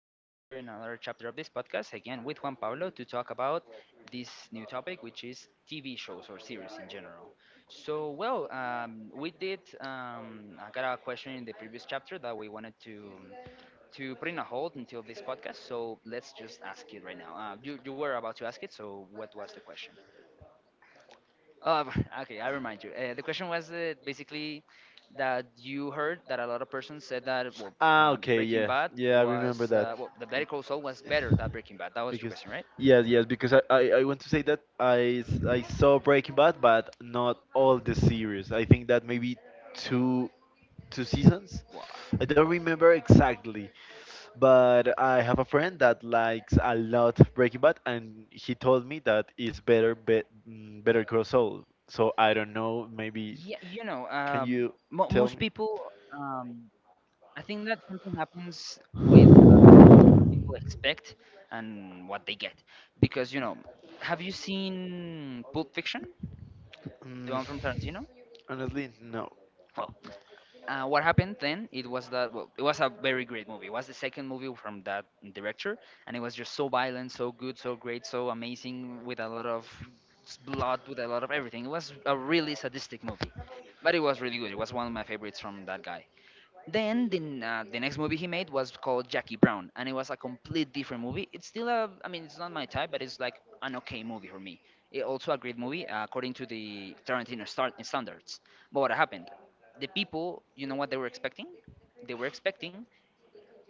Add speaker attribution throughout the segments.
Speaker 1: We're here in another chapter of this podcast, again with Juan Pablo, to talk about this new topic, which is TV shows or series in general. So, well, we did. I got a question in the previous chapter that we wanted to put in a hold until this podcast. So let's just ask it right now. You were about to ask it. So what was the question? Oh, okay. I remind you. The question was basically that you heard that a lot of persons said that,
Speaker 2: Ah, okay,
Speaker 1: Breaking
Speaker 2: yeah,
Speaker 1: Bad
Speaker 2: yeah, I remember
Speaker 1: was
Speaker 2: that.
Speaker 1: well, the Better Call Saul was better than Breaking Bad. That was your
Speaker 2: Because,
Speaker 1: question, right?
Speaker 2: yes, because I want to say that I, I saw Breaking Bad, but not all the series. I think that maybe two two seasons.
Speaker 1: Wow.
Speaker 2: I don't remember exactly, but I have a friend that likes a lot Breaking Bad, and he told me that it's better, Better Call Saul. So I don't know. Maybe
Speaker 1: Yeah,
Speaker 2: can you tell
Speaker 1: most
Speaker 2: me?
Speaker 1: people. I think that something happens with, people expect and what they get, because, you know, have you seen Pulp Fiction, the
Speaker 2: Mm,
Speaker 1: one from Tarantino?
Speaker 2: Honestly, no.
Speaker 1: Well, what happened then it was that, well, it was a very great movie. It was the second movie from that director, and it was just so violent, so good, so great, so amazing, with a lot of blood, with a lot of everything. It was a really sadistic movie, but it was really good. It was one of my favorites from that guy. Then the next movie he made was called Jackie Brown, and it was a complete different movie. It's still a, I mean, it's not my type, but it's like an okay movie for me. It also a great movie, according to the standards. But what happened? The people, you know what they were expecting? They were expecting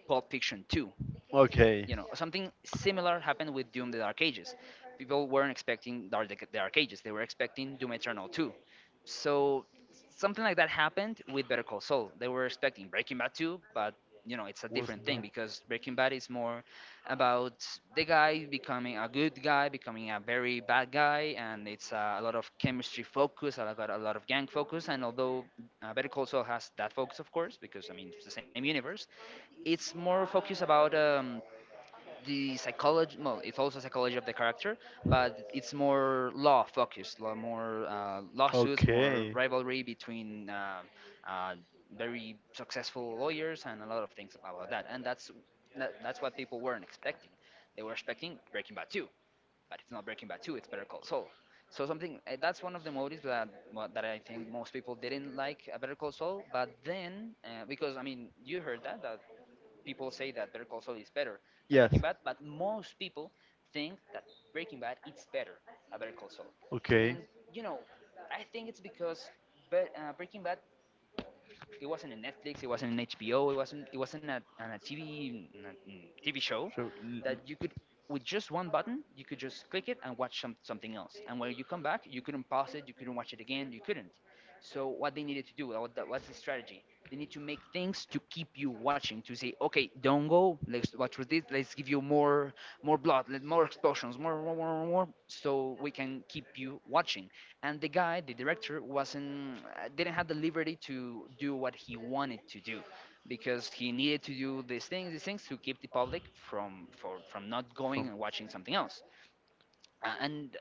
Speaker 1: Pulp Fiction 2.
Speaker 2: Okay.
Speaker 1: You know, something similar happened with Doom the Dark Ages. People weren't expecting the Dark Ages. They were expecting Doom Eternal 2. So something like that happened with Better Call Saul. They were expecting Breaking Bad 2, but you know, it's a
Speaker 2: Was
Speaker 1: different thing,
Speaker 2: not
Speaker 1: because Breaking Bad is more about the guy becoming a good guy, becoming a very bad guy, and it's, a lot of chemistry focus, a lot of gang focus. And although, Better Call Saul has that focus, of course, because I mean, it's the same universe, it's more focused about, the psychology. Well, it's also psychology of the character, but it's more law focused. More, lawsuits, more
Speaker 2: okay.
Speaker 1: rivalry between, uh, very successful lawyers, and a lot of things about that. And that's that's what people weren't expecting. They were expecting Breaking Bad 2, but it's not Breaking Bad 2. It's Better Call Saul. So something, that's one of the motives that that I think most people didn't like a Better Call Saul. But then, because I mean, you heard that people say that Better Call Saul is better than
Speaker 2: Yes.
Speaker 1: Breaking Bad, but most people think that Breaking Bad is better than Better Call Saul.
Speaker 2: Okay.
Speaker 1: And you know, I think it's because Breaking Bad, it wasn't in Netflix. It wasn't in HBO. It wasn't. It wasn't a, on a TV show
Speaker 2: So,
Speaker 1: that you could, with just one button you could just click it and watch something else. And when you come back, you couldn't pause it. You couldn't watch it again. You couldn't. So what they needed to do, what's the strategy? They need to make things to keep you watching. To say, okay, don't go. Let's watch with this. Let's give you more, more blood, more explosions, more, so we can keep you watching. And the guy, the director, wasn't, didn't have the liberty to do what he wanted to do, because he needed to do these things to keep the public from not
Speaker 2: from
Speaker 1: going and watching something else. And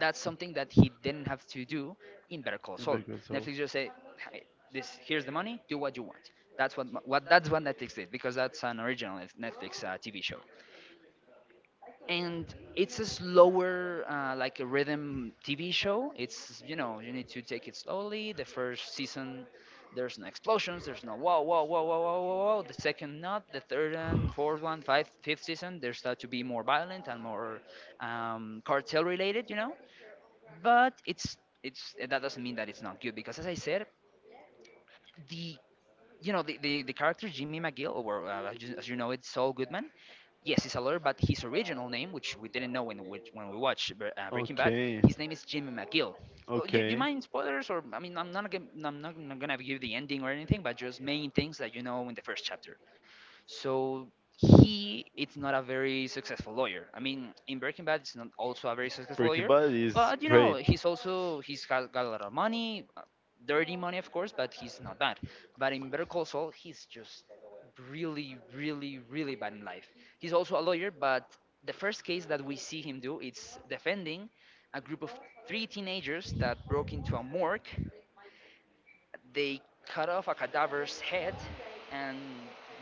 Speaker 1: that's something that he didn't have to do in Better Call Saul.
Speaker 2: Immigrant Souls.
Speaker 1: Netflix just say, "Hey, this, here's the money, do what you want." That's what that's what Netflix did, because that's an original Netflix, TV show. And it's a slower, like a rhythm TV show. It's, you know, you need to take it slowly. The first season there's no explosions, there's no whoa whoa whoa whoa whoa whoa whoa. The second, not the third and fourth one, five fifth season there's start to be more violent and more, cartel related, you know. But it's that doesn't mean that it's not good, because as I said, the, you know, the character Jimmy McGill, or as you know it, Saul Goodman. Yes, he's a lawyer, but his original name, which we didn't know when when we watched Breaking Bad,
Speaker 2: Okay.
Speaker 1: his name is Jimmy McGill. Oh, do you
Speaker 2: Okay.
Speaker 1: mind spoilers? Or I mean, I'm not gonna give you the ending or anything, but just main things that you know in the first chapter. So he it's not a very successful lawyer. I mean, in Breaking Bad, it's not also a very successful
Speaker 2: Breaking
Speaker 1: lawyer,
Speaker 2: Bad is
Speaker 1: but you know,
Speaker 2: great.
Speaker 1: he's also got a lot of money, dirty money, of course, but he's not bad. But in Better Call Saul, he's just really, really, really bad in life. He's also a lawyer, but the first case that we see him do, it's defending a group of three teenagers that broke into a morgue. They cut off a cadaver's head, and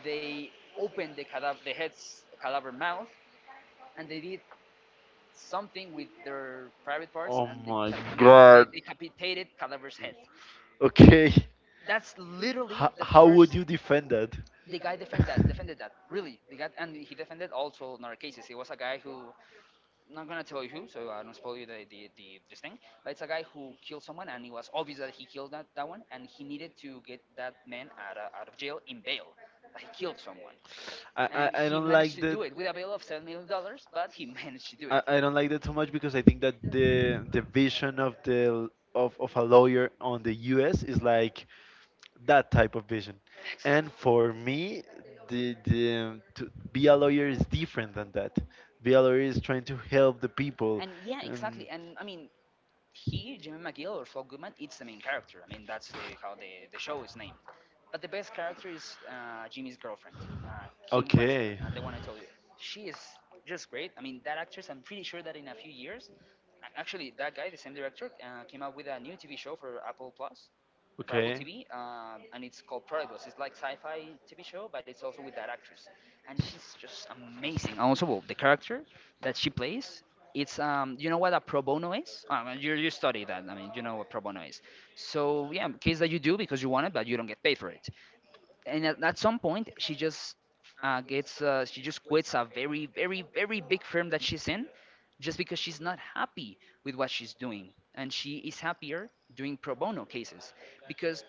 Speaker 1: they opened cadaver, the head's cadaver mouth, and they did something with their private parts,
Speaker 2: Oh
Speaker 1: and they,
Speaker 2: my
Speaker 1: ca- and they
Speaker 2: god.
Speaker 1: decapitated cadaver's head.
Speaker 2: Okay.
Speaker 1: That's literally the
Speaker 2: How would
Speaker 1: first,
Speaker 2: you defend that?
Speaker 1: the guy defend that defended that, really, the guy. And he defended also in our cases. He was a guy who, not gonna tell you who, so I don't spoil you the this thing. But it's a guy who killed someone, and it was obvious that he killed that one, and he needed to get that man out of jail in bail. But he killed someone,
Speaker 2: I,
Speaker 1: and
Speaker 2: I, I
Speaker 1: he
Speaker 2: don't
Speaker 1: managed
Speaker 2: like
Speaker 1: to
Speaker 2: that.
Speaker 1: do it with a bail of $7 million. But he managed to do it.
Speaker 2: I don't like that so much because I think that the vision of the of a lawyer on the US is like that type of vision. And
Speaker 1: Exactly.
Speaker 2: for me, the to be a lawyer is different than that. Be a lawyer is trying to help the people.
Speaker 1: And yeah,
Speaker 2: And
Speaker 1: exactly. And I mean, he, Jimmy McGill or Saul Goodman, it's the main character. I mean, that's the how the show is named. But the best character is, Jimmy's girlfriend, Kim Wexler,
Speaker 2: okay,
Speaker 1: the one I told you. She is just great. I mean, that actress, I'm pretty sure that in a few years, that guy, the same director, came out with a new TV show for Apple Plus, for Apple
Speaker 2: okay.
Speaker 1: TV, and it's called Prodigals. It's like sci-fi TV show, but it's also with that actress, and she's just amazing. And also, well, the character that she plays. It's, you know what a pro bono is? You study that. I mean, you know what pro bono is. So yeah, case that you do because you want it, but you don't get paid for it. And at some point she just, gets she just quits a very very very big firm that she's in, just because she's not happy with what she's doing, and she is happier doing pro bono cases. Because,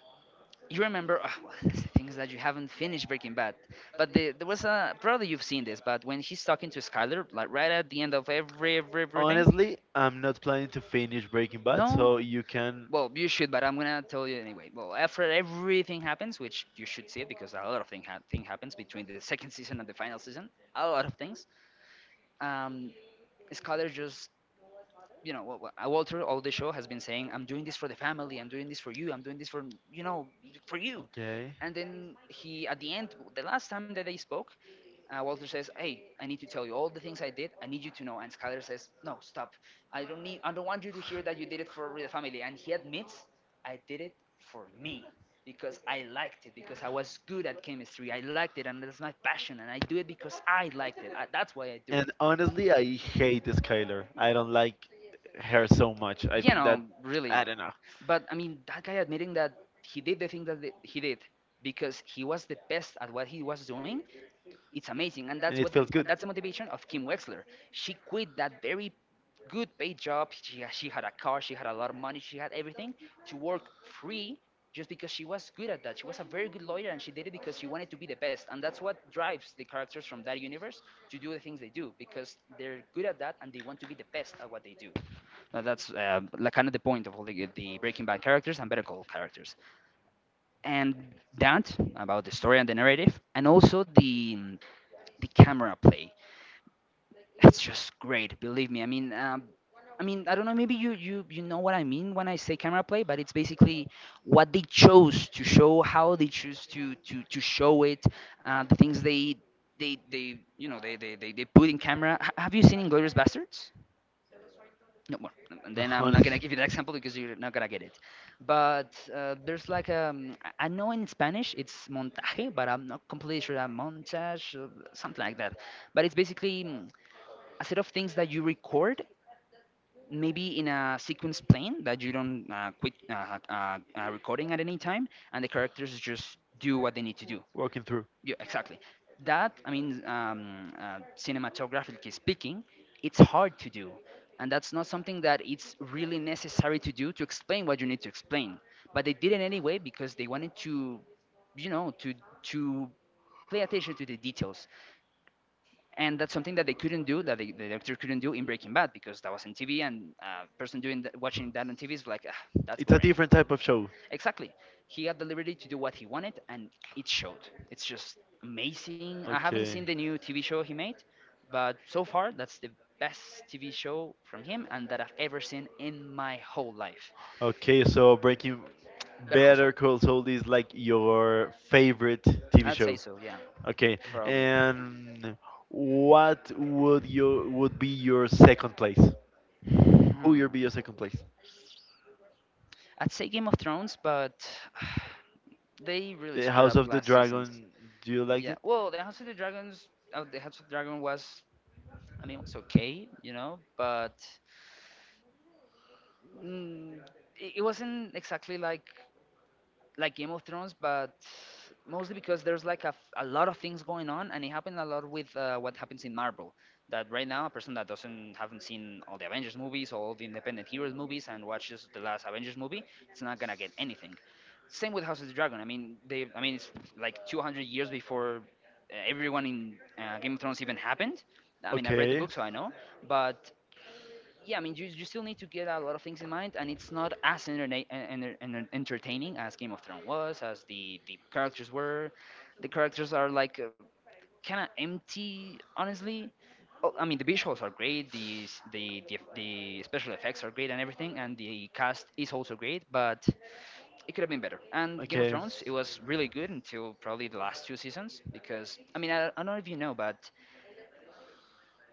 Speaker 1: you remember, well, things that you haven't finished Breaking Bad, but there was a, probably you've seen this, but when he's talking to Skyler like right at the end of everything.
Speaker 2: Honestly, I'm not planning to finish Breaking Bad,
Speaker 1: No.
Speaker 2: so you can.
Speaker 1: Well, you should, but I'm gonna tell you anyway. Well, after everything happens, which you should see it because a lot of thing happens between the second season and the final season. A lot of things. Um, Skyler just, you know, Walter, all the show has been saying, "I'm doing this for the family. I'm doing this for you. I'm doing this for, you know, for you."
Speaker 2: Okay.
Speaker 1: And then he, at the end, the last time that they spoke, Walter says, "Hey, I need to tell you all the things I did. I need you to know." And Skyler says, "No, stop. I don't need. I don't want you to hear that you did it for the family." And he admits, "I did it for me, because I liked it. Because I was good at chemistry. I liked it, and that's my passion. And I do it because I liked it. I, that's why I do it."
Speaker 2: And honestly, I hate Skylar. I don't like her so much. I
Speaker 1: You
Speaker 2: think that
Speaker 1: know, really.
Speaker 2: I don't know,
Speaker 1: But I mean, that guy admitting that he did the thing that he did because he was the best at what he was doing, it's amazing. And that's what and that's the motivation of Kim Wexler. She quit that very good paid job. She, she had a car, she had a lot of money, she had everything to work free just because she was good at that. She was a very good lawyer and she did it because she wanted to be the best. And that's what drives the characters from that universe to do the things they do because they're good at that and they want to be the best at what they do. Now that's like kind of the point of all the Breaking Bad characters and Better Call characters. And that about the story and the narrative, and also the camera play. It's just great, believe me. I mean, I don't know. Maybe you know what I mean when I say camera play, but it's basically what they chose to show, how they choose to show it, the things they you know they put in camera. Have you seen Inglourious Bastards? No more. And then I'm not gonna give you that example because you're not gonna get it. But there's like I know in Spanish it's montaje, but I'm not completely sure that montage, something like that, but it's basically a set of things that you record maybe in a sequence plane that you don't quit recording at any time and the characters just do what they need to do.
Speaker 2: walking through,
Speaker 1: Yeah, exactly. That I mean cinematographically speaking, it's hard to do, and that's not something that it's really necessary to do to explain what you need to explain, but they did it anyway because they wanted to, you know to to pay attention to the details. And that's something that they couldn't do, that they, the director couldn't do in Breaking Bad because that was on TV, and a person doing that, watching that on TV is like, "Ah, that's
Speaker 2: it's a
Speaker 1: boring."
Speaker 2: different type of show.
Speaker 1: Exactly. He had the liberty to do what he wanted, and it showed. It's just amazing. I haven't seen the new TV show he made, but so far that's the best TV show from him and that I've ever seen in my whole life.
Speaker 2: Okay, so Breaking
Speaker 1: Better Call Saul.
Speaker 2: Better Call Saul is like your favorite TV
Speaker 1: I'd say
Speaker 2: show.
Speaker 1: so, yeah.
Speaker 2: Okay,
Speaker 1: Probably.
Speaker 2: and what would be your second place? Who would
Speaker 1: Hmm.
Speaker 2: be your second place?
Speaker 1: I'd say Game of Thrones, but They really
Speaker 2: The
Speaker 1: screwed
Speaker 2: House
Speaker 1: up
Speaker 2: of the
Speaker 1: last seasons.
Speaker 2: Dragon. Do you like
Speaker 1: Yeah.
Speaker 2: it?
Speaker 1: Well, the House of the Dragons, the House of the Dragon was, I mean, it was okay, you know, but mm, it wasn't exactly like Game of Thrones, but mostly because there's like a lot of things going on, and it happened a lot with what happens in Marvel. That right now, a person that doesn't haven't seen all the Avengers movies, all the Independent Heroes movies, and watches the last Avengers movie, it's not gonna get anything. Same with House of the Dragon. I mean, I mean, it's like 200 years before everyone in Game of Thrones even happened. I mean, I've read the
Speaker 2: Okay,
Speaker 1: book, so I know, but yeah, I mean, you still need to get a lot of things in mind, and it's not as entertaining as Game of Thrones was, as the characters were. The characters are like kind of empty, honestly. Oh, I mean, the visuals are great, the, s- the special effects are great, and everything, and the cast is also great, but it could have been better. And Game of
Speaker 2: okay,
Speaker 1: Thrones, it was really good until probably the last two seasons, because, I mean, I don't know if you know, but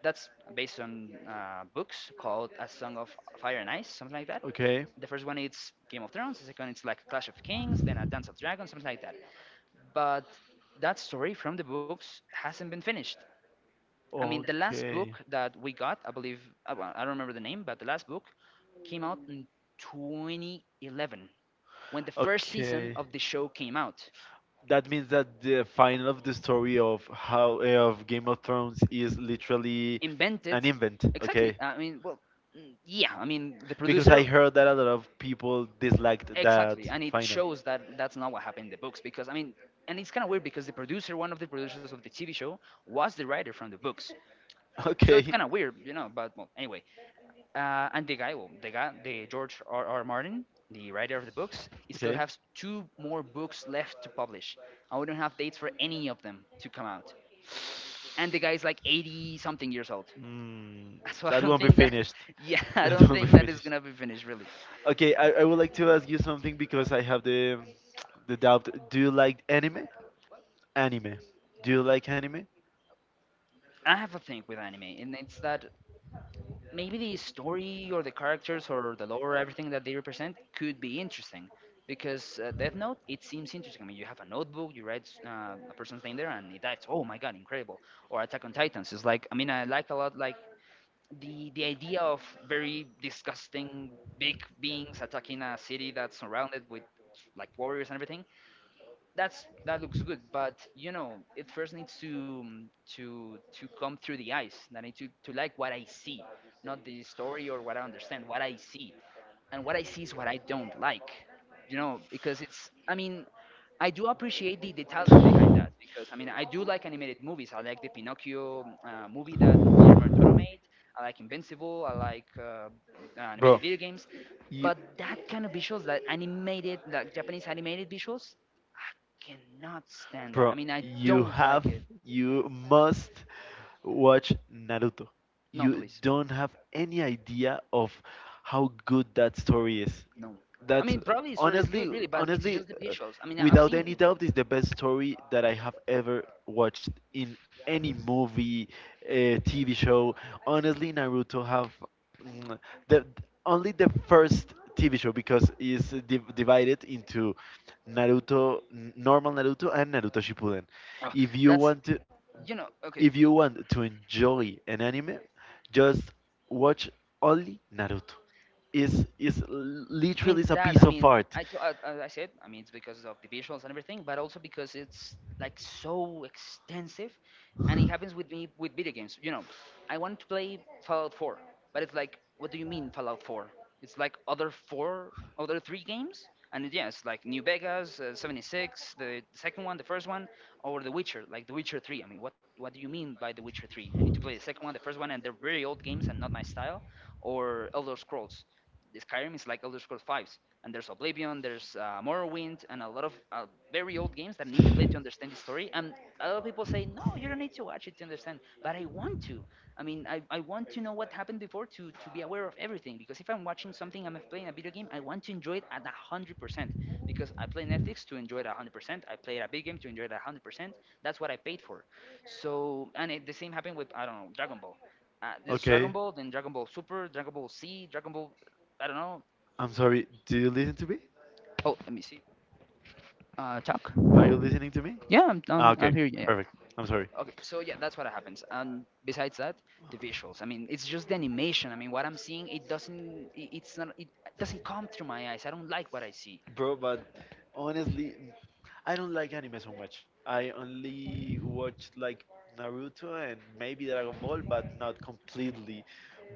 Speaker 1: that's based on books called A Song of Fire and Ice, something like that.
Speaker 2: okay.
Speaker 1: The first one is Game of Thrones. The second it's like Clash of Kings, then A Dance of Dragons, something like that. But that story from the books hasn't been finished. I mean, the last
Speaker 2: Okay,
Speaker 1: book that we got, I believe, I well, I don't remember the name, but the last book came out in 2011 when the first season
Speaker 2: okay.
Speaker 1: of the show came out.
Speaker 2: That means that the final of the story of of Game of Thrones is literally
Speaker 1: Invented,
Speaker 2: an invent.
Speaker 1: exactly.
Speaker 2: Okay,
Speaker 1: I mean, well, yeah. I mean, the
Speaker 2: because I
Speaker 1: producer.
Speaker 2: heard that a lot of people disliked that
Speaker 1: Exactly, and it
Speaker 2: final.
Speaker 1: shows that that's not what happened in the books because I mean, and it's kind of weird because the producer, one of the producers of the TV show, was the writer from the books, so it's
Speaker 2: Okay,
Speaker 1: kind of weird, you know. But well, anyway, and the guy, well, the George R. R. Martin, the writer of the books, he still
Speaker 2: okay.
Speaker 1: has two more books left to publish, and we don't have dates for any of them to come out. And the guy is like 80 something years old,
Speaker 2: Mm,
Speaker 1: so I
Speaker 2: that
Speaker 1: don't
Speaker 2: won't be
Speaker 1: think that,
Speaker 2: finished.
Speaker 1: yeah, I
Speaker 2: That
Speaker 1: don't
Speaker 2: won't be
Speaker 1: think that is
Speaker 2: finished.
Speaker 1: gonna be finished really.
Speaker 2: Okay, I would like to ask you something because I have the doubt. Do you like anime? Anime. Do you like anime?
Speaker 1: I have a thing with anime, and it's that maybe the story or the characters or the lore, everything that they represent, could be interesting. Because Death Note, it seems interesting. I mean, you have a notebook, you write a person's name there, and he dies. Oh my God, incredible! Or Attack on Titans is like. I mean, I like a lot like the idea of very disgusting big beings attacking a city that's surrounded with like warriors and everything. That's that looks good, but you know it first needs to to come through the eyes. I need to like what I see, not the story or what I understand what I see, and what I see is what I don't like, you know, because it's, I mean, I do appreciate the talent behind that because I mean I do like animated movies. I like the Pinocchio movie that Guillermo del Toro made. I like Invincible. I like animated
Speaker 2: Bro,
Speaker 1: video games,
Speaker 2: you
Speaker 1: but that kind of visuals, that animated, that Japanese animated visuals, I cannot stand that. I
Speaker 2: Bro,
Speaker 1: mean I
Speaker 2: you
Speaker 1: don't like
Speaker 2: have,
Speaker 1: it.
Speaker 2: you must watch Naruto.
Speaker 1: No,
Speaker 2: You
Speaker 1: please,
Speaker 2: don't have any idea of how good that story is.
Speaker 1: no. I
Speaker 2: That's
Speaker 1: mean probably the story is good,
Speaker 2: Honestly,
Speaker 1: really, but it's
Speaker 2: honestly,
Speaker 1: just the
Speaker 2: uh,
Speaker 1: visuals. I mean I've
Speaker 2: without
Speaker 1: seen.
Speaker 2: any doubt, is the best story that I have ever watched in any movie, TV show. Honestly, Naruto have mm, the only the first TV show because it's divided into Naruto, normal Naruto, and Naruto Shippuden.
Speaker 1: Oh,
Speaker 2: If you
Speaker 1: that's
Speaker 2: want to,
Speaker 1: you know okay.
Speaker 2: if you want to enjoy an anime, just watch only Naruto is
Speaker 1: I
Speaker 2: literally
Speaker 1: mean
Speaker 2: is a
Speaker 1: that.
Speaker 2: piece
Speaker 1: I
Speaker 2: of
Speaker 1: mean,
Speaker 2: art.
Speaker 1: I said. I mean, it's because of the visuals and everything, but also because it's like so extensive, and it happens with me with video games. You know, I wanted to play Fallout 4, but it's like, what do you mean Fallout 4? It's like other four, other three games, and yes, like New Vegas, 76, the second one, the first one, or The Witcher, like The Witcher 3. I mean, what do you mean by The Witcher 3? I need to play the second one, the first one, and they're very old games and not my style, or Elder Scrolls. The Skyrim is like Elder Scrolls 5s, and there's Oblivion, there's Morrowind, and a lot of very old games that need to play to understand the story. And a lot of people say, no, you don't need to watch it to understand. But I want to. I mean, I want to know what happened before to be aware of everything. Because if I'm watching something, I'm playing a video game, I want to enjoy it at 100%. Because I play Netflix to enjoy it 100%. I play a big game to enjoy it 100%. That's what I paid for. So, and it, the same happened with, I don't know, Dragon Ball this Dragon
Speaker 2: Okay,
Speaker 1: Ball, then Dragon Ball Super, Dragon Ball Z, Dragon Ball I don't know.
Speaker 2: I'm sorry. Do you listen to me?
Speaker 1: Oh, let me see. Chuck.
Speaker 2: Are you listening to me?
Speaker 1: Yeah, I'm
Speaker 2: Ah,
Speaker 1: done. I'm
Speaker 2: okay,
Speaker 1: here. Yeah. Yeah.
Speaker 2: perfect. I'm sorry.
Speaker 1: Okay, so yeah, that's what happens. And besides that, the visuals. I mean, it's just the animation. I mean, what I'm seeing, it's not, it doesn't come through my eyes. I don't like what I see.
Speaker 2: Bro, but honestly, I don't like anime so much. I only watched like Naruto and maybe Dragon Ball, but not completely.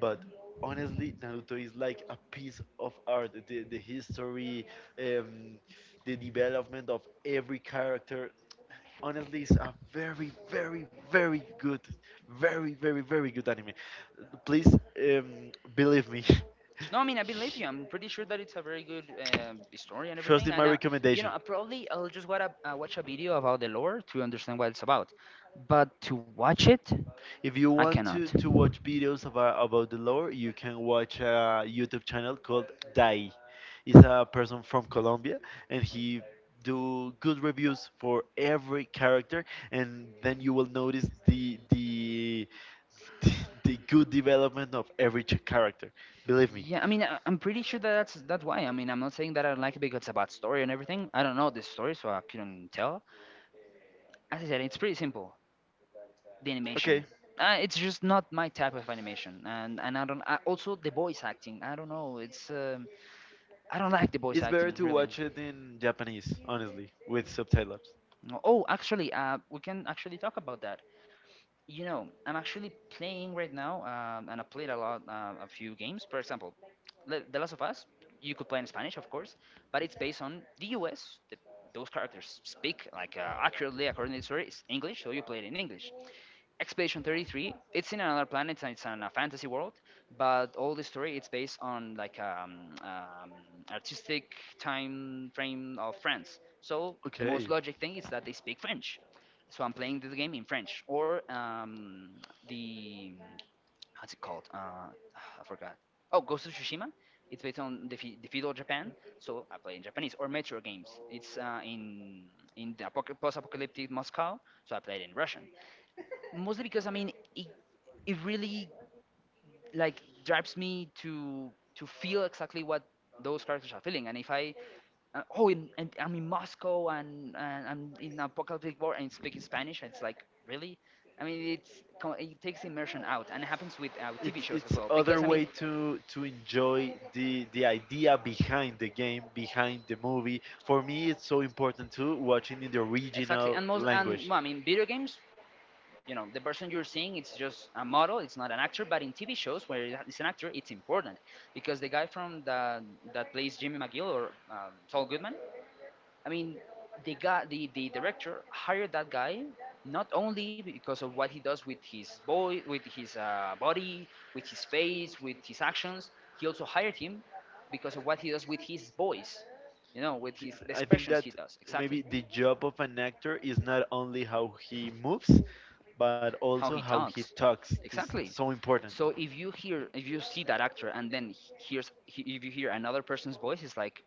Speaker 2: But honestly, Naruto is like a piece of art. The history, um, the development of every character. Honestly, it's a very, very, very good, very, very, very good anime. Please believe me.
Speaker 1: No, I mean I believe you. I'm pretty sure that it's a very good story and
Speaker 2: Trust
Speaker 1: everything.
Speaker 2: in my
Speaker 1: You know,
Speaker 2: recommendation.
Speaker 1: I probably I'll just watch watch a video about the lore to understand what it's about. But to watch it,
Speaker 2: If you
Speaker 1: I
Speaker 2: want
Speaker 1: cannot.
Speaker 2: To watch videos about the lore, you can watch a YouTube channel called Dai. He's a person from Colombia, and he do good reviews for every character, and then you will notice the the good development of every character. Believe me.
Speaker 1: Yeah, I mean I'm pretty sure that that's why. I mean I'm not saying that I like it because it's about story and everything. I don't know this story, so I couldn't tell. As I said, it's pretty simple. The animation.
Speaker 2: Okay,
Speaker 1: It's just not my type of animation, and I don't. Also, the voice acting. I don't know. It's I don't like the voice
Speaker 2: it's better
Speaker 1: acting
Speaker 2: to
Speaker 1: really.
Speaker 2: watch it in Japanese, honestly, with subtitle.
Speaker 1: Oh, Actually, we can actually talk about that. You know, I'm actually playing right now, and I played a lot, a few games. For example, The Last of Us. You could play in Spanish, of course, but it's based on the U.S. Those characters speak like accurately according to the story. It's English, so you play it in English. Expedition 33. It's in another planet and it's in a fantasy world, but all the story it's based on like artistic time frame of France. So the most
Speaker 2: Okay.
Speaker 1: logic thing is that they speak French. So I'm playing this game in French or the how's it called? I forgot. Oh, Ghost of Tsushima. It's based on the, the feudal Japan, so I play in Japanese or Metro games. It's in the post-apocalyptic Moscow, so I played in Russian mostly because I mean it really like drives me to feel exactly what those characters are feeling. And if I oh in, and I'm in Moscow and, I'm in apocalyptic war and speaking Spanish and it's like really, I mean it's it takes immersion out. And it happens with TV
Speaker 2: It's
Speaker 1: shows as
Speaker 2: it's
Speaker 1: well,
Speaker 2: other
Speaker 1: because I
Speaker 2: way
Speaker 1: mean
Speaker 2: to enjoy the idea behind the game, behind the movie. For me, it's so important too watching in the
Speaker 1: exactly.
Speaker 2: original
Speaker 1: And most, and
Speaker 2: language.
Speaker 1: well, I mean video games, you know, the person you're seeing it's just a model, it's not an actor. But in TV shows where it's an actor, it's important, because the guy from the that plays Jimmy McGill or Saul Goodman, I mean, the guy, the director hired that guy not only because of what he does with his body, with his face, with his actions. He also hired him because of what he does with his voice, you know, with his the
Speaker 2: I think
Speaker 1: expressions
Speaker 2: that
Speaker 1: he does
Speaker 2: maybe
Speaker 1: exactly.
Speaker 2: the job of an actor is not only how he moves, but
Speaker 1: How
Speaker 2: also
Speaker 1: he
Speaker 2: how he
Speaker 1: talks,
Speaker 2: talks. This is
Speaker 1: exactly.
Speaker 2: so important.
Speaker 1: So if you hear, if you see that actor, and then if you hear another person's voice, it's like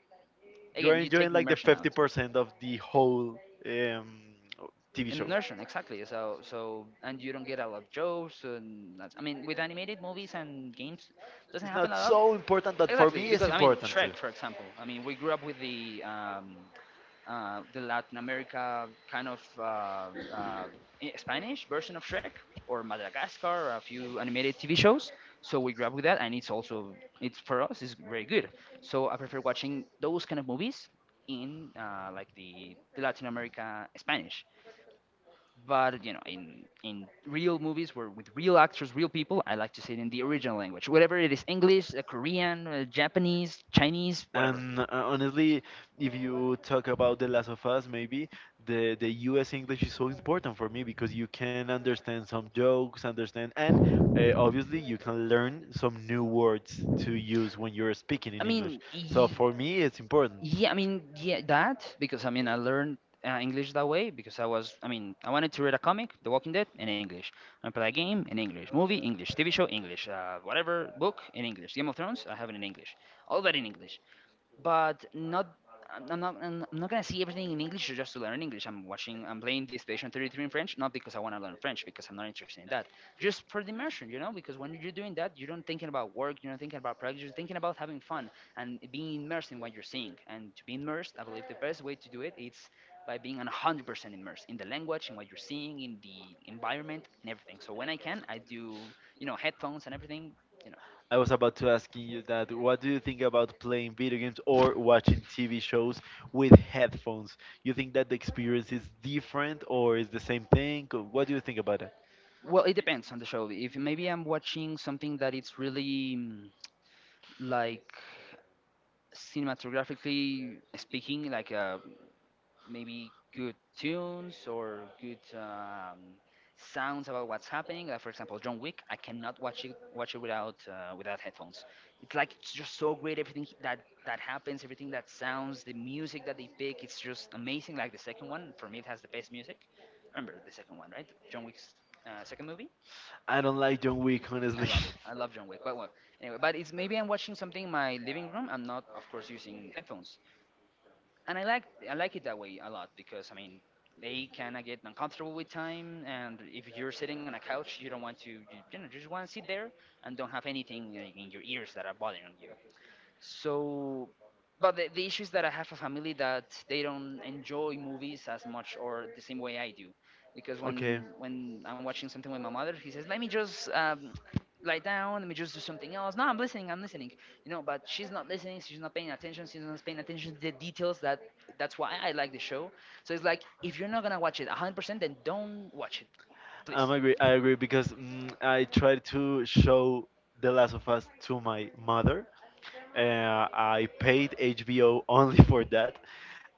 Speaker 2: You're
Speaker 1: again you
Speaker 2: enjoying
Speaker 1: take
Speaker 2: like the
Speaker 1: immersion out.
Speaker 2: 50% of the whole um, TV show.
Speaker 1: Immersion, exactly. So and you don't get a lot of jokes. And that's, I mean, with animated movies and games, doesn't
Speaker 2: It's
Speaker 1: happen a
Speaker 2: not
Speaker 1: lot.
Speaker 2: so important, but for
Speaker 1: Exactly,
Speaker 2: me, it's
Speaker 1: because I mean,
Speaker 2: important too.
Speaker 1: Shrek, for example. I mean, we grew up with the Latin America kind of Spanish version of Shrek or Madagascar, a few animated TV shows. So we grew up with that, and it's also it's for us is very good. So I prefer watching those kind of movies in like the Latin America Spanish. But you know, in real movies where with real actors, real people, I like to see it in the original language, whatever it is, English, Korean, Japanese, Chinese, whatever.
Speaker 2: And honestly, if you talk about The Last of Us, maybe the U.S. English is so important for me because you can understand some jokes, understand, and obviously you can learn some new words to use when you're speaking
Speaker 1: I
Speaker 2: in English.
Speaker 1: mean,
Speaker 2: So for me, it's important.
Speaker 1: yeah, I mean, yeah, that, because I mean, I learned English that way because I was, I mean, I wanted to read a comic, The Walking Dead, in English. I play a game in English, movie English, TV show English, whatever book in English. Game of Thrones, I have it in English, all that in English but not. I'm not. I'm not gonna see everything in English just to learn English. I'm watching. I'm playing this Patient 33 in French, not because I want to learn French, because I'm not interested in that. Just for the immersion, you know. Because when you're doing that, you're not thinking about work. You're not thinking about projects. You're thinking about having fun and being immersed in what you're seeing. And to be immersed, I believe the best way to do it is by being 100% immersed in the language, in what you're seeing, in the environment, and everything. So when I can, I do. You know, headphones and everything. You know,
Speaker 2: I was about to ask you that. What do you think about playing video games or watching TV shows with headphones? You think that the experience is different or is the same thing? What do you think about it?
Speaker 1: well, it depends on the show. If maybe I'm watching something that it's really mm, like cinematographically speaking, like maybe good tunes or good sounds about what's happening. Like for example, John Wick, I cannot watch it without without headphones. It's like it's just so great everything that that happens, everything that sounds, the music that they pick. It's just amazing. Like the second one, for me, it has the best music. Remember the second one, right? John Wick's second movie.
Speaker 2: I don't like John Wick, honestly.
Speaker 1: I love it. I love John Wick. But well, anyway, but it's maybe I'm watching something in my living room. I'm not, of course, using headphones, and I like it that way a lot, because I mean they kind of get uncomfortable with time, and if you're sitting on a couch, you don't want to you, you know just want to sit there and don't have anything in your ears that are bothering you. So, but the issue is that I have a family that they don't enjoy movies as much or the same way I do, because
Speaker 2: Okay,
Speaker 1: when I'm watching something with my mother, he says, "Let me just lie down. Let me just do something else." No, I'm listening. I'm listening. You know, but she's not listening. She's not paying attention. She's not paying attention to the details. That's why I like the show. So it's like if you're not gonna watch it 100%, then don't watch it,
Speaker 2: I'm
Speaker 1: please.
Speaker 2: agree. I agree because I tried to show The Last of Us to my mother. Uh, I paid HBO only for that,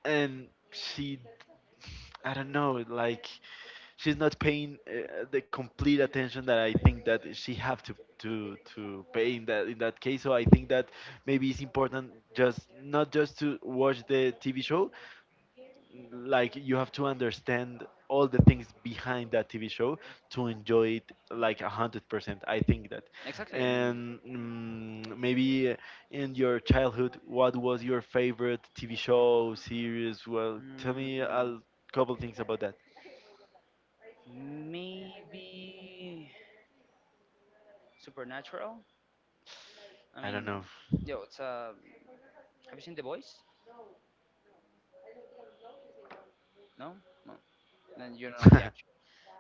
Speaker 2: and she, I don't know, like she's not paying the complete attention that I think that she have to to pay in that case. So I think that maybe it's important just not just to watch the TV show, like you have to understand all the things behind that TV show to enjoy it like 100%. I think that,
Speaker 1: Exactly. I mean.
Speaker 2: and mm, maybe in your childhood, what was your favorite TV show series? Well, tell me a
Speaker 1: Mm.
Speaker 2: couple things about that.
Speaker 1: Maybe Supernatural. I
Speaker 2: I don't
Speaker 1: mean,
Speaker 2: know.
Speaker 1: yo, it's have you seen The Voice? No, no. Then you don't know the actor.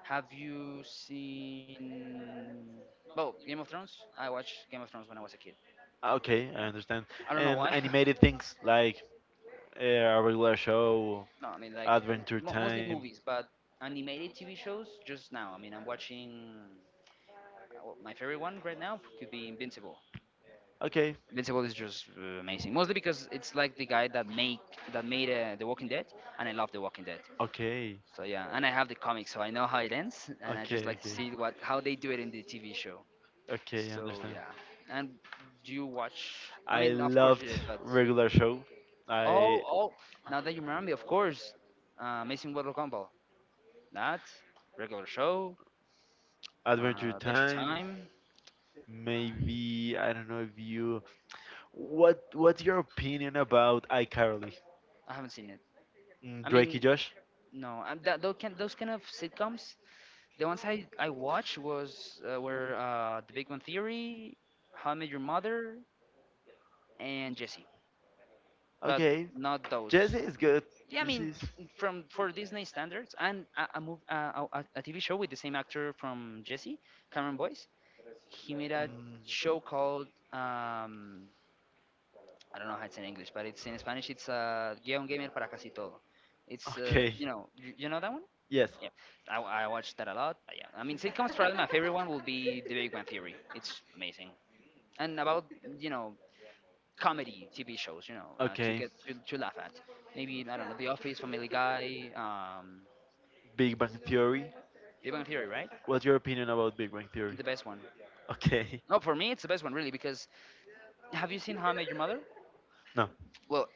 Speaker 1: Have you seen? Well, Game of Thrones. I watched Game of Thrones when I was a kid.
Speaker 2: Okay, I
Speaker 1: Yeah,
Speaker 2: understand.
Speaker 1: I don't know
Speaker 2: And
Speaker 1: why.
Speaker 2: animated things like a regular show,
Speaker 1: No, I mean like
Speaker 2: Adventure
Speaker 1: mo mostly
Speaker 2: Time.
Speaker 1: movies, but animated TV shows. Just now, I mean, I'm watching. Well, my favorite one right now could be Invincible.
Speaker 2: Okay,
Speaker 1: Invincible is just amazing, mostly because it's like the guy that make that made The Walking Dead, and I love The Walking Dead.
Speaker 2: okay,
Speaker 1: So yeah, and I have the comics, so I know how it ends, and I just
Speaker 2: okay,
Speaker 1: like to
Speaker 2: okay,
Speaker 1: see what how they do it in the TV show.
Speaker 2: okay. I
Speaker 1: So
Speaker 2: understand.
Speaker 1: yeah, and do you watch? I
Speaker 2: I
Speaker 1: mean, of course
Speaker 2: loved
Speaker 1: you did, but
Speaker 2: regular show.
Speaker 1: oh
Speaker 2: I
Speaker 1: oh, now that you remember me, of course, Amazing World of Gumball, that regular show,
Speaker 2: Adventure
Speaker 1: Adventure
Speaker 2: Time.
Speaker 1: Time.
Speaker 2: Maybe I don't know if you. What's your opinion about iCarly?
Speaker 1: I haven't seen it.
Speaker 2: Mm,
Speaker 1: I
Speaker 2: Drake
Speaker 1: mean,
Speaker 2: Josh.
Speaker 1: no, I that, those, can, those kind of sitcoms. The ones I watched was were The Big One Theory, How I Met Your Mother, and Jesse, but
Speaker 2: Okay,
Speaker 1: not those.
Speaker 2: Jesse is good.
Speaker 1: Yeah, I
Speaker 2: This
Speaker 1: mean,
Speaker 2: is.
Speaker 1: from for Disney standards, and TV show with the same actor from Jesse, Cameron Boyce. He made a
Speaker 2: Mm,
Speaker 1: show called um, I don't know how it's in English, but it's in Spanish. It's Guion Gamer para casi todo. It's
Speaker 2: okay.
Speaker 1: okay. You know, you know that one?
Speaker 2: Yes.
Speaker 1: Yeah, I watched that a lot. But yeah, I mean sitcoms. Probably my favorite one will be The Big Bang Theory. It's amazing. And about you know comedy TV shows, you know, to
Speaker 2: Okay.
Speaker 1: okay get to laugh at. Maybe I don't know, The Office, Family Guy,
Speaker 2: Big Bang Theory.
Speaker 1: Big Bang Theory, right?
Speaker 2: What's your opinion about Big Bang Theory?
Speaker 1: The best one.
Speaker 2: Okay.
Speaker 1: No, for me it's the best one, really, because have you seen How I Met Your Mother?
Speaker 2: No.
Speaker 1: Well,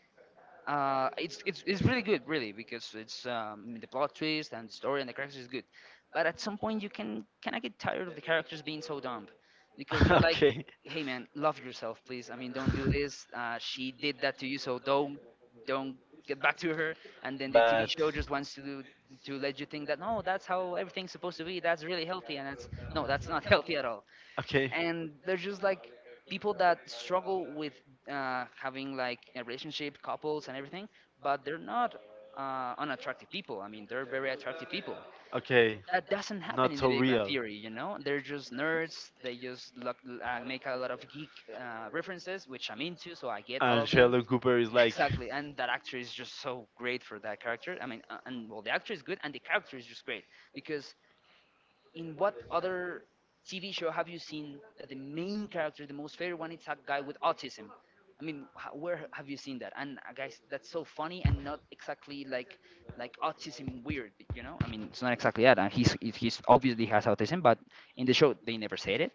Speaker 1: it's really good, really, because it's the plot twist and the story and the characters is good. But at some point, you can kind of get tired of the characters being so dumb, because they're like,
Speaker 2: Okay.
Speaker 1: "Hey, man, love yourself, please. I mean, don't do this. She did that to you, so don't get back to her." And then the TV
Speaker 2: But.
Speaker 1: show just wants to do, to let you think that no, that's how everything's supposed to be. That's really healthy, and that's no, that's not healthy at all.
Speaker 2: Okay.
Speaker 1: And they're just like people that struggle with having like a relationship, couples, and everything, but they're not unattractive people. I mean, they're very attractive people.
Speaker 2: Okay.
Speaker 1: That doesn't happen
Speaker 2: Not
Speaker 1: in the
Speaker 2: so
Speaker 1: Big Bang
Speaker 2: real.
Speaker 1: Theory, you know? They're just nerds. They just look, make a lot of geek references, which I'm into, so I get all
Speaker 2: And
Speaker 1: of them.
Speaker 2: Sheldon Cooper is like.
Speaker 1: Exactly. And that actor is just so great for that character. I mean, and well, the actor is good, and the character is just great because in what other TV show have you seen that the main character, the most favorite one, it's a guy with autism? I mean, where have you seen that? And guys, that's so funny and not exactly like autism weird, you know? I mean, it's not exactly that. And he's obviously has autism, but in the show they never said it,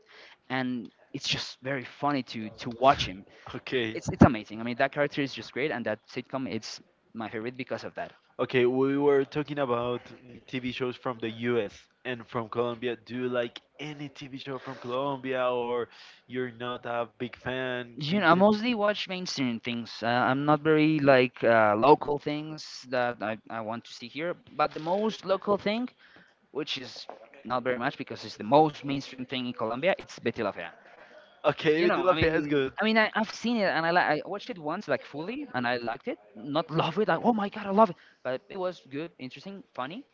Speaker 1: and it's just very funny to watch him.
Speaker 2: Okay.
Speaker 1: It's amazing. I mean, that character is just great, and that sitcom it's my favorite because of that.
Speaker 2: Okay, we were talking about TV shows from the US and from Colombia. Do you like any TV show from Colombia or you're not a big fan?
Speaker 1: You
Speaker 2: Can
Speaker 1: know,
Speaker 2: you
Speaker 1: I
Speaker 2: tell me?
Speaker 1: mostly watch mainstream things. I'm not very like local things that I want to see here. But the most local thing, which is not very much because it's the most mainstream thing in Colombia, it's Betty La Fea.
Speaker 2: Okay,
Speaker 1: You
Speaker 2: with
Speaker 1: know, I
Speaker 2: Tilapia is
Speaker 1: mean,
Speaker 2: good.
Speaker 1: I've seen it and I watched it once like fully and I liked it. Not love it, like oh my god, I love it. But it was good, interesting, funny.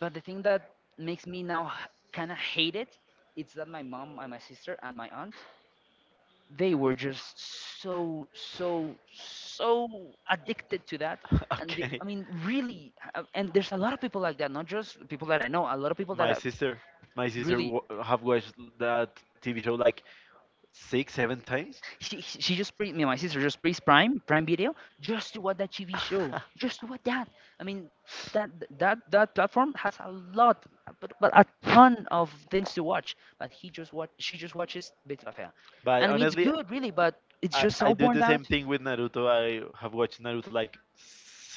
Speaker 1: But the thing that makes me now kind of hate it, it's that my mom and my sister and my aunt they were just so addicted to that, and they,
Speaker 2: Okay.
Speaker 1: I mean really, and there's a lot of people like that, not just people that I know, a lot of people that
Speaker 2: My
Speaker 1: are
Speaker 2: sister, my sister
Speaker 1: really.
Speaker 2: w have watched that TV show like six, seven times.
Speaker 1: She just pre me and my sister just pre prime prime video, just to watch that TV show, just to watch that. I mean that that platform has a lot, but a ton of things to watch, but he just watch she just watches Betty La Fea.
Speaker 2: But
Speaker 1: And I mean, it's
Speaker 2: honestly,
Speaker 1: good really, but it's just
Speaker 2: I
Speaker 1: so
Speaker 2: do
Speaker 1: burned
Speaker 2: the
Speaker 1: out.
Speaker 2: same thing with Naruto. I have watched Naruto like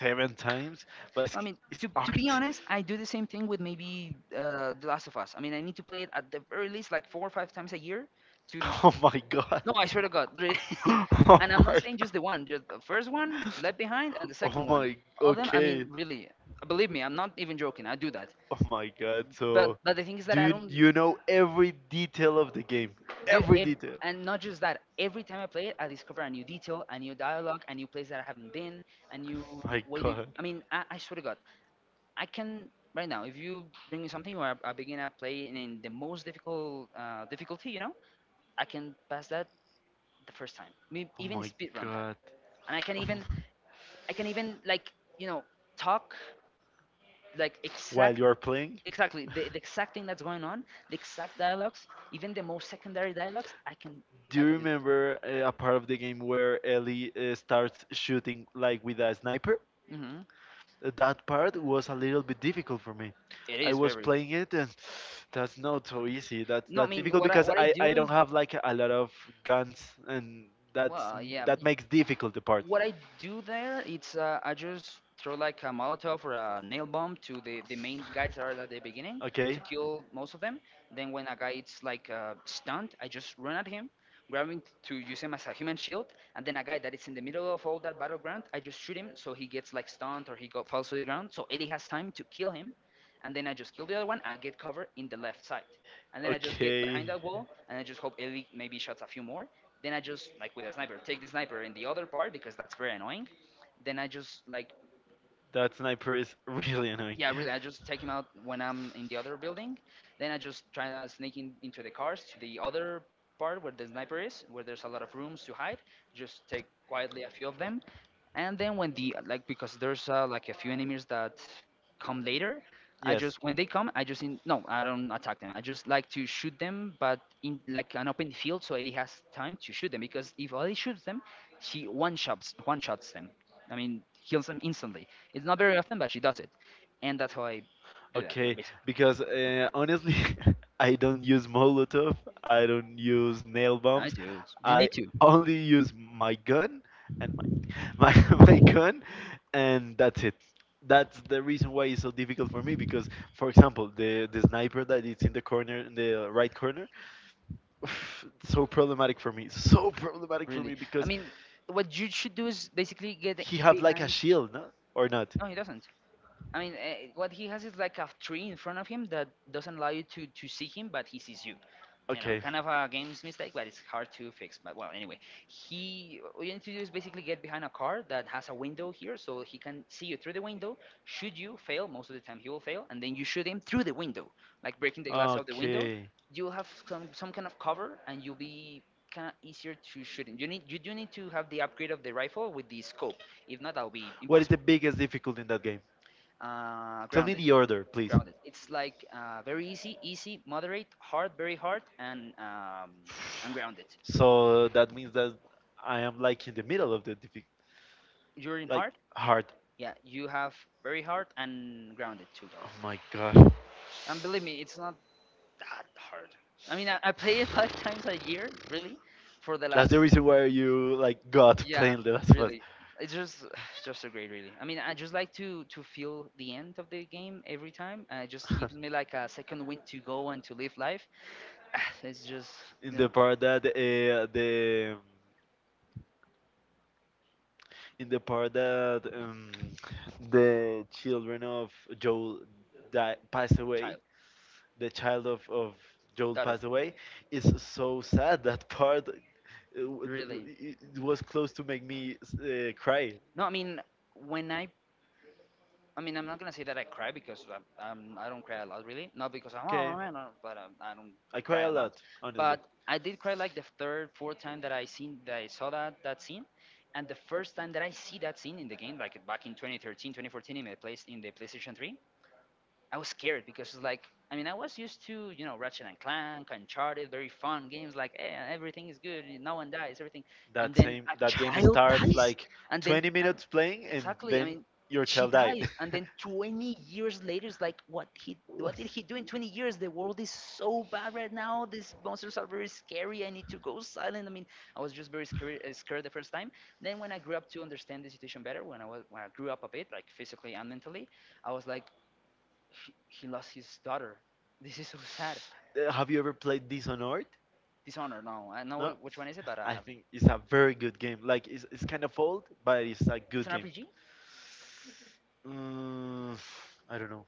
Speaker 2: seven times. But
Speaker 1: I mean,
Speaker 2: it's
Speaker 1: to
Speaker 2: art.
Speaker 1: be honest, I do the same thing with maybe The Last of Us. I mean, I need to play it at the very least like four or five times a year to.
Speaker 2: Oh my god!
Speaker 1: No, I swear to God, really.
Speaker 2: Oh
Speaker 1: And I'm not
Speaker 2: my!
Speaker 1: saying just the one, just the first one, Left Behind, and the
Speaker 2: Oh
Speaker 1: second one.
Speaker 2: my!
Speaker 1: All of them, I mean,
Speaker 2: Okay.
Speaker 1: really, believe me, I'm not even joking. I do that.
Speaker 2: Oh my god!
Speaker 1: But
Speaker 2: So
Speaker 1: but the thing is that
Speaker 2: do
Speaker 1: I
Speaker 2: you
Speaker 1: don't,
Speaker 2: you know every detail of the game?
Speaker 1: dude.
Speaker 2: Every
Speaker 1: If,
Speaker 2: detail.
Speaker 1: and not just that, every time I play it, I discover a new detail, a new dialogue, a new place that I haven't been, a new
Speaker 2: My
Speaker 1: way to.
Speaker 2: god.
Speaker 1: I mean, I swear to God, I can right now. If you bring me something where I begin to play in the most difficult difficulty, you know, I can pass that the first time. Maybe
Speaker 2: Oh
Speaker 1: even
Speaker 2: my
Speaker 1: speed run that,
Speaker 2: god.
Speaker 1: and I can even, I can even like, you know, talk like
Speaker 2: While you are playing,
Speaker 1: exactly the exact thing that's going on, the exact dialogues, even the most secondary dialogues. I can,
Speaker 2: do
Speaker 1: I
Speaker 2: you
Speaker 1: can do that.
Speaker 2: remember a part of the game where Ellie starts shooting like with a sniper?
Speaker 1: Hmm.
Speaker 2: That part was a little bit difficult for me.
Speaker 1: It
Speaker 2: I
Speaker 1: is
Speaker 2: was
Speaker 1: very,
Speaker 2: playing it and that's not so easy.
Speaker 1: no. I
Speaker 2: That's
Speaker 1: mean,
Speaker 2: difficult because
Speaker 1: what I
Speaker 2: I,
Speaker 1: do
Speaker 2: I
Speaker 1: in.
Speaker 2: don't have like a lot of guns and that's
Speaker 1: Well, yeah.
Speaker 2: that makes difficult the part.
Speaker 1: What I do there, it's I just throw like a Molotov or a nail bomb to the main guys that are at the beginning to.
Speaker 2: Okay.
Speaker 1: Okay, kill most of them. Then when a guy is like stunned, I just run at him, grabbing, to use him as a human shield, and then a guy that is in the middle of all that battleground, I just shoot him so he gets like stunned or he go, falls to the ground. So Ellie has time to kill him, and then I just kill the other one and get cover in the left side. And then I just get behind
Speaker 2: Okay.
Speaker 1: that wall, and I just hope Ellie maybe shots a few more, then I just like with a sniper, take the sniper in the other part because that's very annoying. Then I just like,
Speaker 2: That sniper is really annoying.
Speaker 1: yeah, really, I just take him out when I'm in the other building. Then I just try to sneak in, into the cars to the other part where the sniper is, where there's a lot of rooms to hide. Just take quietly a few of them, and then when the, like, because there's like a few enemies that come later, I
Speaker 2: Yes.
Speaker 1: just when they come I just in, no, I don't attack them, I just like to shoot them but in like an open field so Ellie has time to shoot them because if Ellie shoots them, she one shots them, I mean heals them instantly. It's not very often but she does it, and that's how I do that, but
Speaker 2: Okay,
Speaker 1: basically.
Speaker 2: because honestly, I don't use Molotov, I don't use nail
Speaker 1: I
Speaker 2: bombs,
Speaker 1: do. You
Speaker 2: I
Speaker 1: need to,
Speaker 2: only use my gun my my con and that's it. That's the reason why it's so difficult for me because for example the sniper that is in the corner in the right corner, so problematic for me, so problematic for
Speaker 1: really.
Speaker 2: me
Speaker 1: I
Speaker 2: because
Speaker 1: mean, what you should do is basically get
Speaker 2: he have like a
Speaker 1: behind.
Speaker 2: shield, no or not.
Speaker 1: No, he doesn't. I mean, what he has is like a tree in front of him that doesn't allow you to see him, but he sees you. You know,
Speaker 2: Okay,
Speaker 1: kind of a game's mistake, but it's hard to fix. But well, anyway, he, what you need to do is basically get behind a car that has a window here, so he can see you through the window. Should you fail, most of the time he will fail, and then you shoot him through the window, like breaking the glass of the window.
Speaker 2: okay,
Speaker 1: You'll have some kind of cover, and you'll be kind of easier to shoot him. You do need to have the upgrade of the rifle with the scope. If not, that'll be
Speaker 2: what is the
Speaker 1: impossible.
Speaker 2: biggest difficulty in that game?
Speaker 1: Uh,
Speaker 2: Tell me
Speaker 1: grounded,
Speaker 2: the order, please.
Speaker 1: Grounded. It's like very easy, easy, moderate, hard, very hard, and grounded.
Speaker 2: So that means that I am like in the middle of the difficulty,
Speaker 1: You're in
Speaker 2: like
Speaker 1: hard,
Speaker 2: hard.
Speaker 1: yeah. You have very hard and grounded to go.
Speaker 2: Oh my god.
Speaker 1: And believe me, it's not that hard. I mean, I play it five times a year, really, for the
Speaker 2: That's the
Speaker 1: last.
Speaker 2: reason why you like got
Speaker 1: Yeah,
Speaker 2: playing The Last of Us.
Speaker 1: really. It's just, just so great, really. I mean, I just like to feel the end of the game every time. It just gives me like a second wind to go and to live life. It's just,
Speaker 2: In
Speaker 1: you
Speaker 2: the
Speaker 1: know,
Speaker 2: part that the in the part that the children of Joel died, passed away,
Speaker 1: child,
Speaker 2: the child of Joel
Speaker 1: daughter,
Speaker 2: passed away. It's so sad that part. W-
Speaker 1: really.
Speaker 2: It, it was close to make me cry.
Speaker 1: No, I mean, when I mean, I'm not gonna say that I cry because I'm, I don't cry a lot really. Not because I'm
Speaker 2: Okay.
Speaker 1: oh man, but I don't
Speaker 2: I cry
Speaker 1: cry
Speaker 2: a
Speaker 1: a lot.
Speaker 2: lot, honestly.
Speaker 1: But I did cry like the third, fourth time that I saw that scene, and the first time that I see that scene in the game, like back in 2013, 2014 in the place in the PlayStation 3. I was scared because it's like, I mean I was used to, you know, Ratchet and Clank, Uncharted, very fun games like hey, everything is good, no one dies, everything,
Speaker 2: That
Speaker 1: and then
Speaker 2: same
Speaker 1: a
Speaker 2: that game
Speaker 1: child
Speaker 2: starts
Speaker 1: dies,
Speaker 2: like
Speaker 1: and then
Speaker 2: 20 minutes playing and
Speaker 1: exactly. I
Speaker 2: then
Speaker 1: mean
Speaker 2: your
Speaker 1: she
Speaker 2: child died.
Speaker 1: dies, and then 20 years later it's like what he,
Speaker 2: What
Speaker 1: what did he do in 20 years? The world is so bad right now. These monsters are very scary. I need to go silent. I mean I was just very scared, scared the first time. Then when I grew up to understand the situation better, when I was, when I grew up a bit like physically and mentally, I was like he lost his daughter. This is so sad.
Speaker 2: uh, have you ever played Dishonored?
Speaker 1: Dishonor, no, I know
Speaker 2: No?
Speaker 1: which one is it, but I haven't.
Speaker 2: Think it's a very good game. Like it's kind of old, but it's a good
Speaker 1: It's an
Speaker 2: game.
Speaker 1: RPG,
Speaker 2: Mm, I don't know.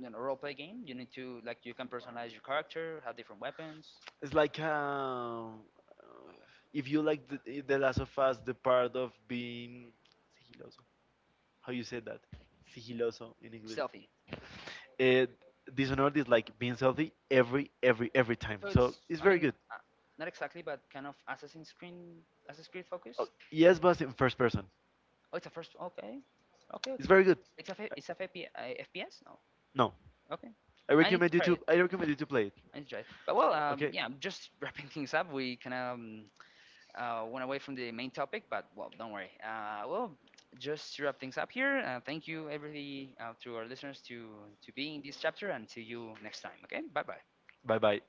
Speaker 1: you know, role play game. You need to, like, you can personalize your character, have different weapons.
Speaker 2: It's like uh, if you like the Last of Us, the part of being sigiloso. How you say that? Sigiloso in English.
Speaker 1: Stealthy.
Speaker 2: Uh, Dishonored is like being stealthy every time.
Speaker 1: So
Speaker 2: So
Speaker 1: it's,
Speaker 2: it's
Speaker 1: I
Speaker 2: very
Speaker 1: mean,
Speaker 2: good.
Speaker 1: uh, not exactly, but kind of Assassin's Creed, Assassin's Creed
Speaker 2: Oh,
Speaker 1: focused.
Speaker 2: yes, but in first person.
Speaker 1: Oh, it's a first. Okay, okay,
Speaker 2: It's
Speaker 1: okay.
Speaker 2: very good.
Speaker 1: a It's a FP, FPS. No,
Speaker 2: No,
Speaker 1: okay.
Speaker 2: I
Speaker 1: Need
Speaker 2: recommend
Speaker 1: to
Speaker 2: you
Speaker 1: try
Speaker 2: to.
Speaker 1: it.
Speaker 2: I recommend you to play it.
Speaker 1: I need to try it. But well,
Speaker 2: Okay.
Speaker 1: yeah, just wrapping things up, we can went away from the main topic, but well, don't worry. We'll just wrap things up here. Thank you, everybody, to our listeners, to be in this chapter, and see you next time. Okay, bye bye.
Speaker 2: Bye bye.